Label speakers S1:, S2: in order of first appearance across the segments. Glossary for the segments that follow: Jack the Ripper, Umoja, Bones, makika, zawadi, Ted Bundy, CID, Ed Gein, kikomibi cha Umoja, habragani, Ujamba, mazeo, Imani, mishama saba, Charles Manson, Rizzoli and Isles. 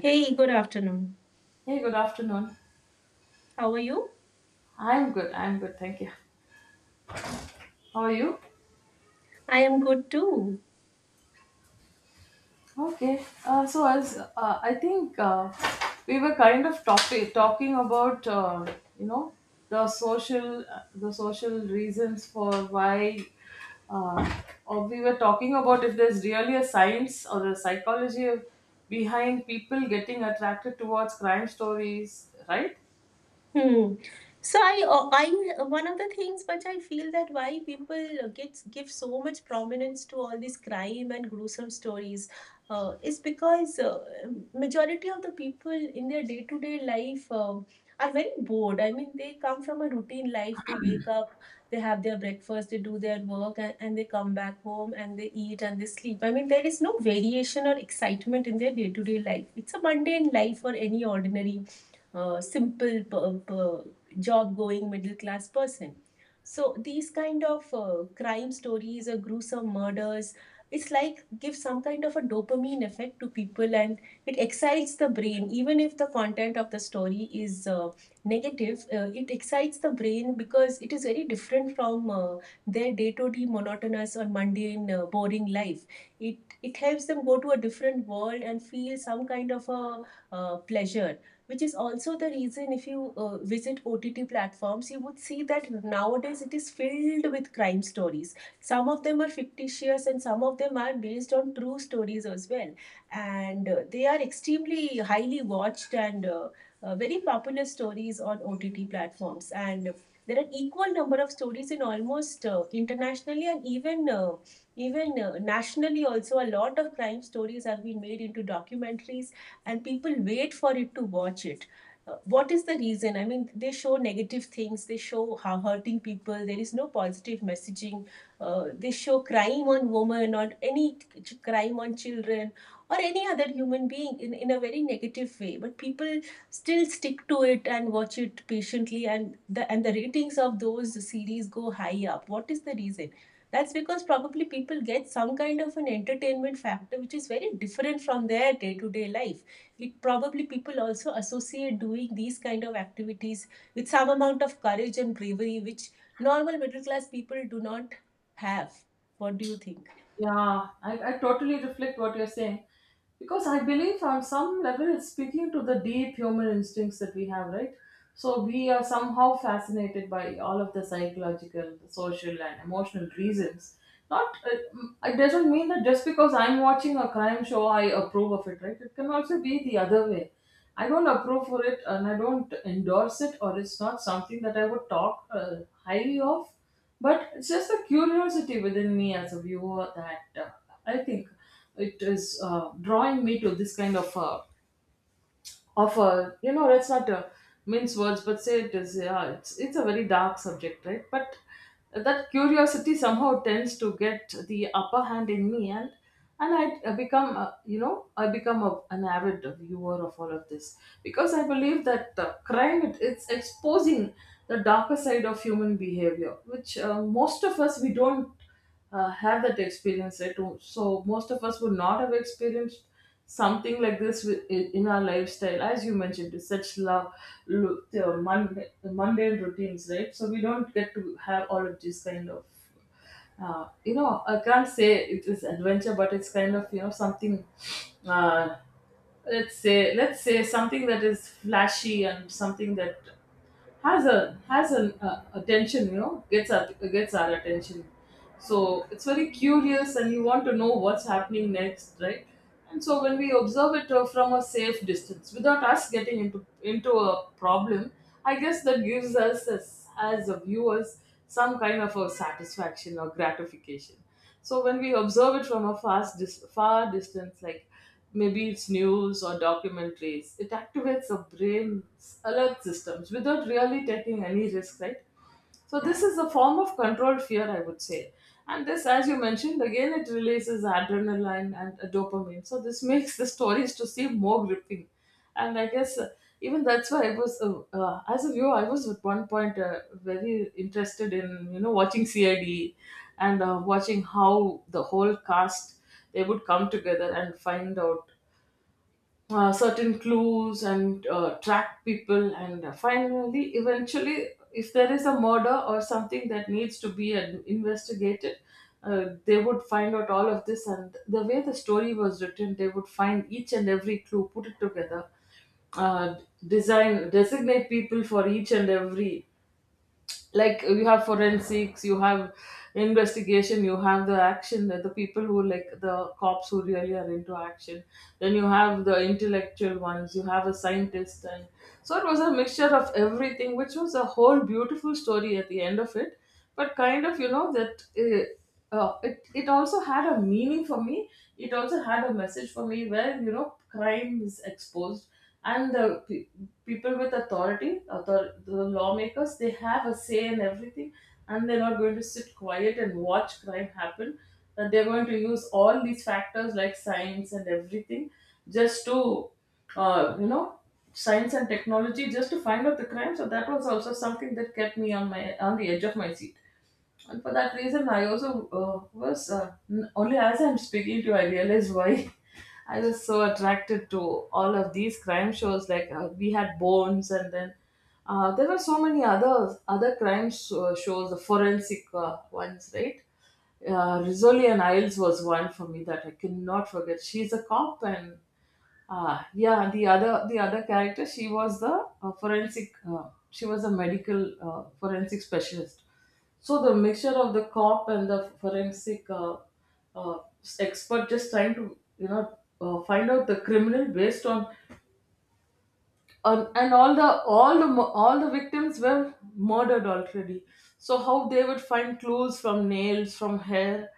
S1: Hey, good afternoon.
S2: Hey, good afternoon.
S1: How are you?
S2: I'm good. I'm good. Thank you. How are you?
S1: I am good too.
S2: Okay. So as I think, we were kind of talking about, you know the social reasons for why, or we were talking about if there's really a science or a psychology behind people getting attracted towards crime stories, right?
S1: Hmm. One of the things which I feel that why people get give so much prominence to all these crime and gruesome stories is because majority of the people in their day to day life are very bored. I mean, they come from a routine life. They wake up, they have their breakfast, they do their work, and they come back home and they eat and they sleep. I mean, there is no variation or excitement in their day to day life. It's a mundane life for any ordinary simple per, per job going middle class person. So these kind of crime stories or gruesome murders, it's like give some kind of a dopamine effect to people and it excites the brain. Even if the content of the story is negative, it excites the brain because it is very different from their day-to-day monotonous or mundane, boring life. It helps them go to a different world and feel some kind of a pleasure, which is also the reason if you visit OTT platforms, you would see that nowadays it is filled with crime stories. Some of them are fictitious and some of them are based on true stories as well. And they are extremely highly watched and very popular stories on OTT platforms. And there are equal number of stories in almost internationally and even even nationally also a lot of crime stories have been made into documentaries and people wait for it to watch it. What is the reason? I mean, they show negative things, they show how hurting people, there is no positive messaging, they show crime on women or any crime on children or any other human being in a very negative way, but people still stick to it and watch it patiently, and the ratings of those series go high up. What is the reason? That's because probably people get some kind of an entertainment factor which is very different from their day-to-day life. It probably people also associate doing these kind of activities with some amount of courage and bravery which normal middle class people do not have. What do you think?
S2: Yeah, I totally reflect what you're saying, because I believe on some level it's speaking to the deep human instincts that we have, right? So we are somehow fascinated by all of the psychological, the social, and emotional reasons. Not m- It doesn't mean that just because I'm watching a crime show, I approve of it, right? It can also be the other way. I don't approve for it, and I don't endorse it, or it's not something that I would talk highly of, but it's just a curiosity within me as a viewer that I think it is drawing me to this kind of a let's not mince words, but say it is, yeah, it's a very dark subject, right? But that curiosity somehow tends to get the upper hand in me, and I become you know I become an avid viewer of all of this, because I believe that crime, it's exposing the darker side of human behavior, which, most of us, we don't have that experience at home. So most of us would not have experienced something like this in our lifestyle, as you mentioned, is such love, look, the mundane routines, right? So we don't get to have all of these kind of. I can't say it is adventure, but it's kind of, something, uh, let's say something that is flashy, and something that has an attention, gets our attention. So it's very curious, and you want to know what's happening next, right? And so when we observe it from a safe distance, without us getting into a problem, I guess that gives us as a viewers some kind of a satisfaction or gratification. So when we observe it from a far distance, like maybe it's news or documentaries, it activates our brain's alert systems without really taking any risk, right? So this is a form of controlled fear, I would say. And this, as you mentioned, again it releases adrenaline and dopamine. So this makes the stories to seem more gripping. And I guess even that's why as a viewer, I was at one point very interested in watching CID, and watching how the whole cast, they would come together and find out certain clues, and track people, and finally eventually if there is a murder or something that needs to be investigated. They would find out all of this, and the way the story was written, they would find each and every clue, put it together, uh, designate people for each and every, like, you have forensics, you have investigation, you have the action, the people who, like, the cops who really are into action. Then you have the intellectual ones, you have a scientist. And so it was a mixture of everything, which was a whole beautiful story at the end of it. But kind of, that, it also had a meaning for me, it also had a message for me, where crime is exposed, and the people with authority, the lawmakers, they have a say in everything, and they're not going to sit quiet and watch crime happen. That they're going to use all these factors, like science and everything, just to, uh, you know, science and technology, just to find out the crime. So that was also something that kept me on the edge of my seat. And for that reason, I also was only as I'm speaking to you, I realize why I was so attracted to all of these crime shows. Like, we had Bones, and then there were so many other crime shows, the forensic ones, right? Rizzoli and Isles was one for me that I cannot forget. She's a cop, and, yeah, the other character, she was the forensic. She was a medical forensic specialist. So the mixture of the cop and the forensic uh, expert, just trying to find out the criminal based on and all the victims were murdered already. So how they would find clues from nails, from hair,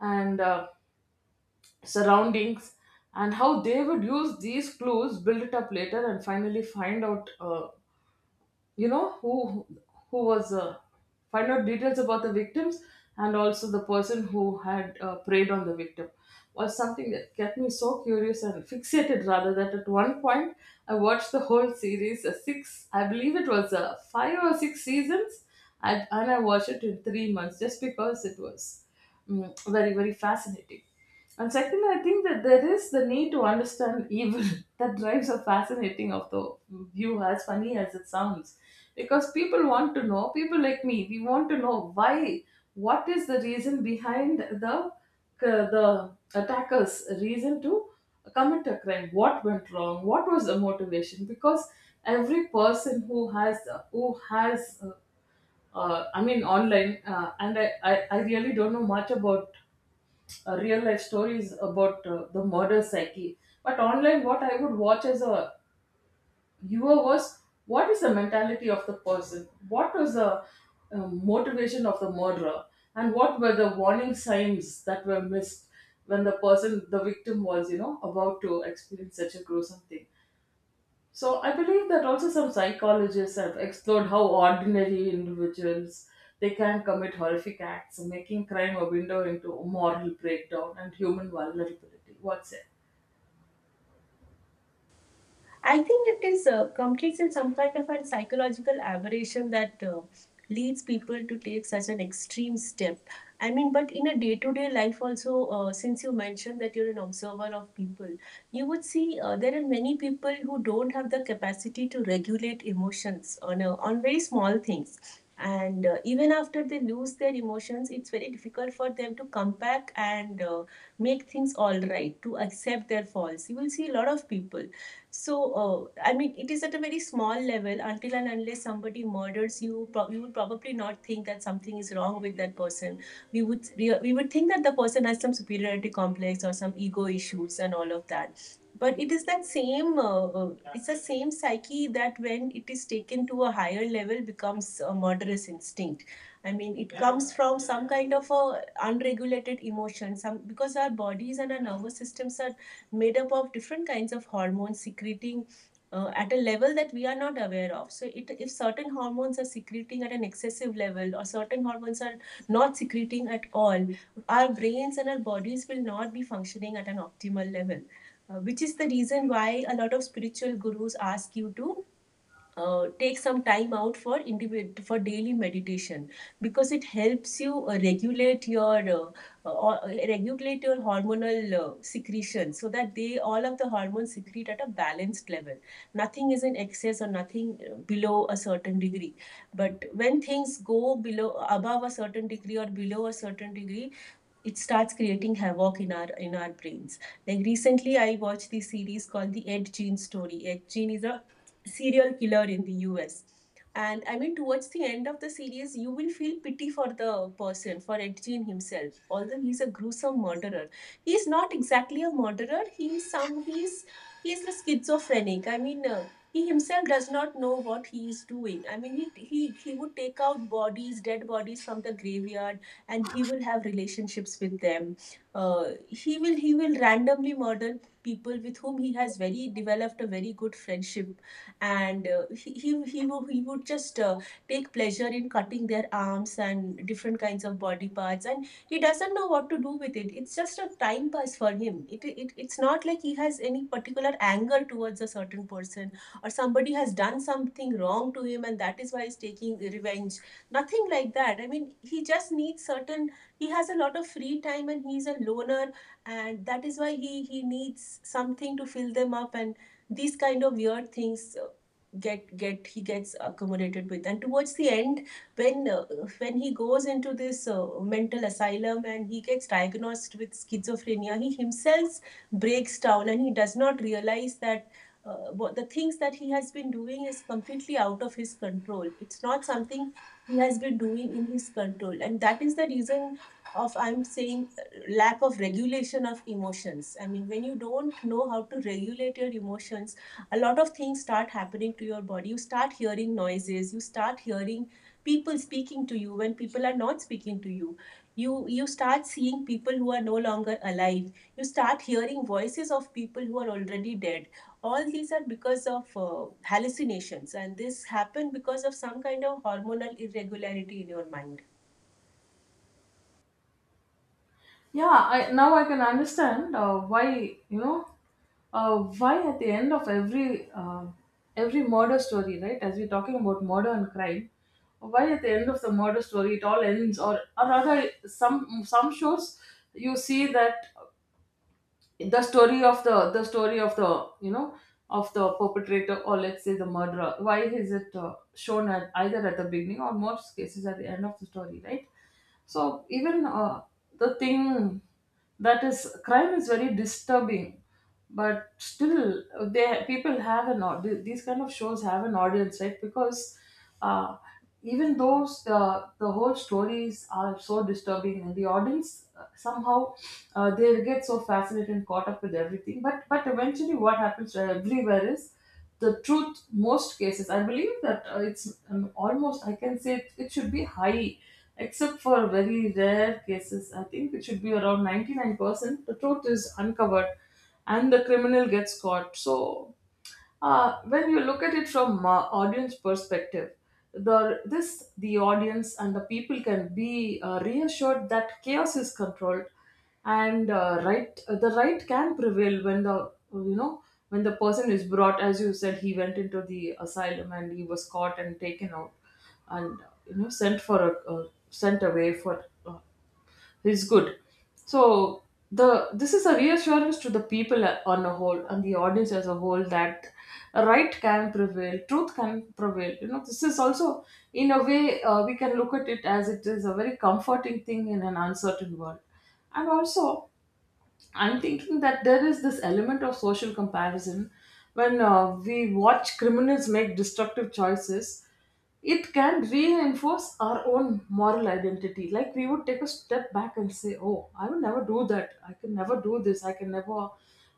S2: and surroundings, and how they would use these clues, build it up later, and finally find out you know who who was, find out details about the victims, and also the person who had preyed on the victim, was something that kept me so curious and fixated rather, that at one point I watched the whole series, six, I believe it was five or six seasons, and I watched it in 3 months, just because it was very, very fascinating. And second, I think that there is the need to understand evil that drives a fascinating of the view, as funny as it sounds. Because people want to know, people like me, we want to know why, what is the reason behind the attacker's reason to commit a crime? What went wrong? What was the motivation? Because every person, who has, uh, I mean, online, and I really don't know much about real life stories about the murder psyche. But online, what I would watch as a viewer was, what is the mentality of the person? What was the motivation of the murderer? And what were the warning signs that were missed, when the person, the victim, was, about to experience such a gruesome thing? So I believe that also some psychologists have explored how ordinary individuals, they can commit horrific acts, making crime a window into moral breakdown and human vulnerability. What's it?
S1: I think it is competes in some kind of a psychological aberration that leads people to take such an extreme step. I mean, but in a day to day life, also, since you mentioned that you're an observer of people, you would see there are many people who don't have the capacity to regulate emotions on very small things. And even after they lose their emotions, it's very difficult for them to come back and make things all right, to accept their faults. You will see a lot of people so, I mean, it is at a very small level. Until and unless somebody murders you, you would probably not think that something is wrong with that person. We would think that the person has some superiority complex or some ego issues and all of that. But it is that same, it's the same psyche that when it is taken to a higher level becomes a murderous instinct. I mean, it comes from some kind of a unregulated emotion, some because our bodies and our nervous systems are made up of different kinds of hormones secreting at a level that we are not aware of. So, it, if certain hormones are secreting at an excessive level or certain hormones are not secreting at all, our brains and our bodies will not be functioning at an optimal level, which is the reason why a lot of spiritual gurus ask you to take some time out for for daily meditation, because it helps you uh, regulate your hormonal secretion so that they all of the hormones secrete at a balanced level. Nothing is in excess or nothing below a certain degree. But when things go below above a certain degree or below a certain degree, it starts creating havoc in our brains. Like recently I watched this series called the Ed gene story. Ed gene is a serial killer in the US. And I mean, towards the end of the series, you will feel pity for the person, for Ed Gein himself. Although he's a gruesome murderer, he is not exactly a murderer. He is some he's a schizophrenic. I mean, he himself does not know what he is doing. I mean, he would take out bodies, dead bodies from the graveyard, and he will have relationships with them. He will randomly murder people with whom he has very developed a very good friendship, and he would just take pleasure in cutting their arms and different kinds of body parts, and he doesn't know what to do with it. It's just a time pass for him. It's not like he has any particular anger towards a certain person or somebody has done something wrong to him and that is why he's taking revenge. Nothing like that. I mean, he just needs certain, he has a lot of free time and he's a loner, and that is why he needs something to fill them up, and these kind of weird things get he gets accommodated with. And towards the end, when uh, when he goes into this mental asylum and he gets diagnosed with schizophrenia, he himself breaks down, and he does not realize that what the things that he has been doing is completely out of his control. It's not something he has been doing in his control, and that is the reason of I'm saying lack of regulation of emotions. I mean, when you don't know how to regulate your emotions, a lot of things start happening to your body. You start hearing noises, you start hearing people speaking to you when people are not speaking to you, you, you start seeing people who are no longer alive, you start hearing voices of people who are already dead. All these are because of hallucinations, and this happened because of some kind of hormonal irregularity in your mind.
S2: Yeah, I, now I can understand why you know why at the end of every, every murder story, right? As we're talking about murder and crime, why at the end of the murder story it all ends, or, rather, some shows you see that the story of the story of the, of the perpetrator, or let's say the murderer, why is it shown, at either at the beginning, or most cases at the end of the story, right? So even the thing that is crime is very disturbing, but still they, people have an these kind of shows have an audience, right? Because uh, even though the whole stories are so disturbing, and the audience somehow, they get so fascinated and caught up with everything, but eventually what happens everywhere is the truth. Most cases I believe that it's, almost, I can say, it should be high, except for very rare cases. I think it should be around 99%, the truth is uncovered and the criminal gets caught. So when you look at it from audience perspective, the audience and the people can be reassured that chaos is controlled, and the right can prevail, when, the when the person is brought. As you said, he went into the asylum and he was caught and taken out, and sent for a, sent away for. Is good. So the this is a reassurance to the people on a whole, and the audience as a whole, that right can prevail, truth can prevail. This is also, in a way, we can look at it as it is a very comforting thing in an uncertain world, and also. I'm thinking that there is this element of social comparison, when we watch criminals make destructive choices. It can reinforce our own moral identity. Like, we would take a step back and say, "Oh, I will never do that. I can never do this. I can never,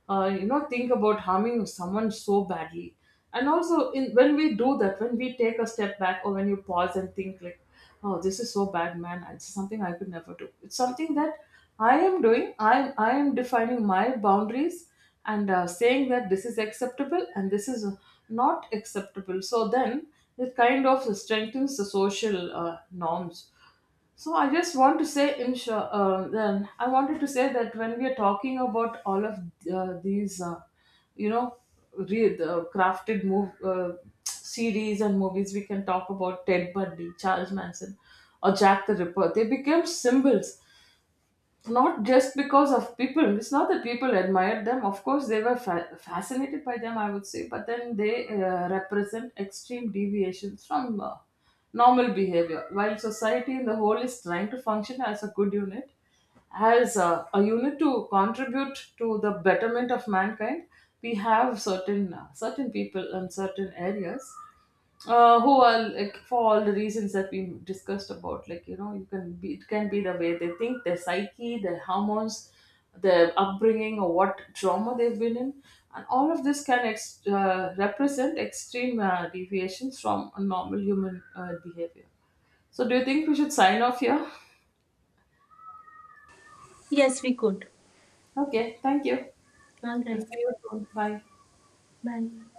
S2: think about harming someone so badly." And also, in when we do that, when we take a step back or when you pause and think like, oh, this is so bad, man, it's something I could never do, it's something that I am doing. I am defining my boundaries, and saying that this is acceptable and this is not acceptable. So then it kind of strengthens the social norms. So I just want to say, in short, then I wanted to say that when we are talking about all of these, you know, the crafted move series and movies, we can talk about Ted Bundy, Charles Manson, or Jack the Ripper. They became symbols, not just because of people, it's not that people admired them, of course they were fascinated by them, I would say. But then they represent extreme deviations from normal behavior, while society in the whole is trying to function as a good unit, as a unit to contribute to the betterment of mankind. We have certain, certain people in certain areas, who are, like, for all the reasons that we discussed about, like, you can be it can be the way they think, their psyche, their hormones, their upbringing, or what trauma they've been in. And all of this can represent extreme deviations from a normal human behavior. So do you think we should sign off here?
S1: Yes, we could.
S2: Okay, thank you.
S1: All
S2: I'll
S1: right,
S2: see you soon. Bye.
S1: bye.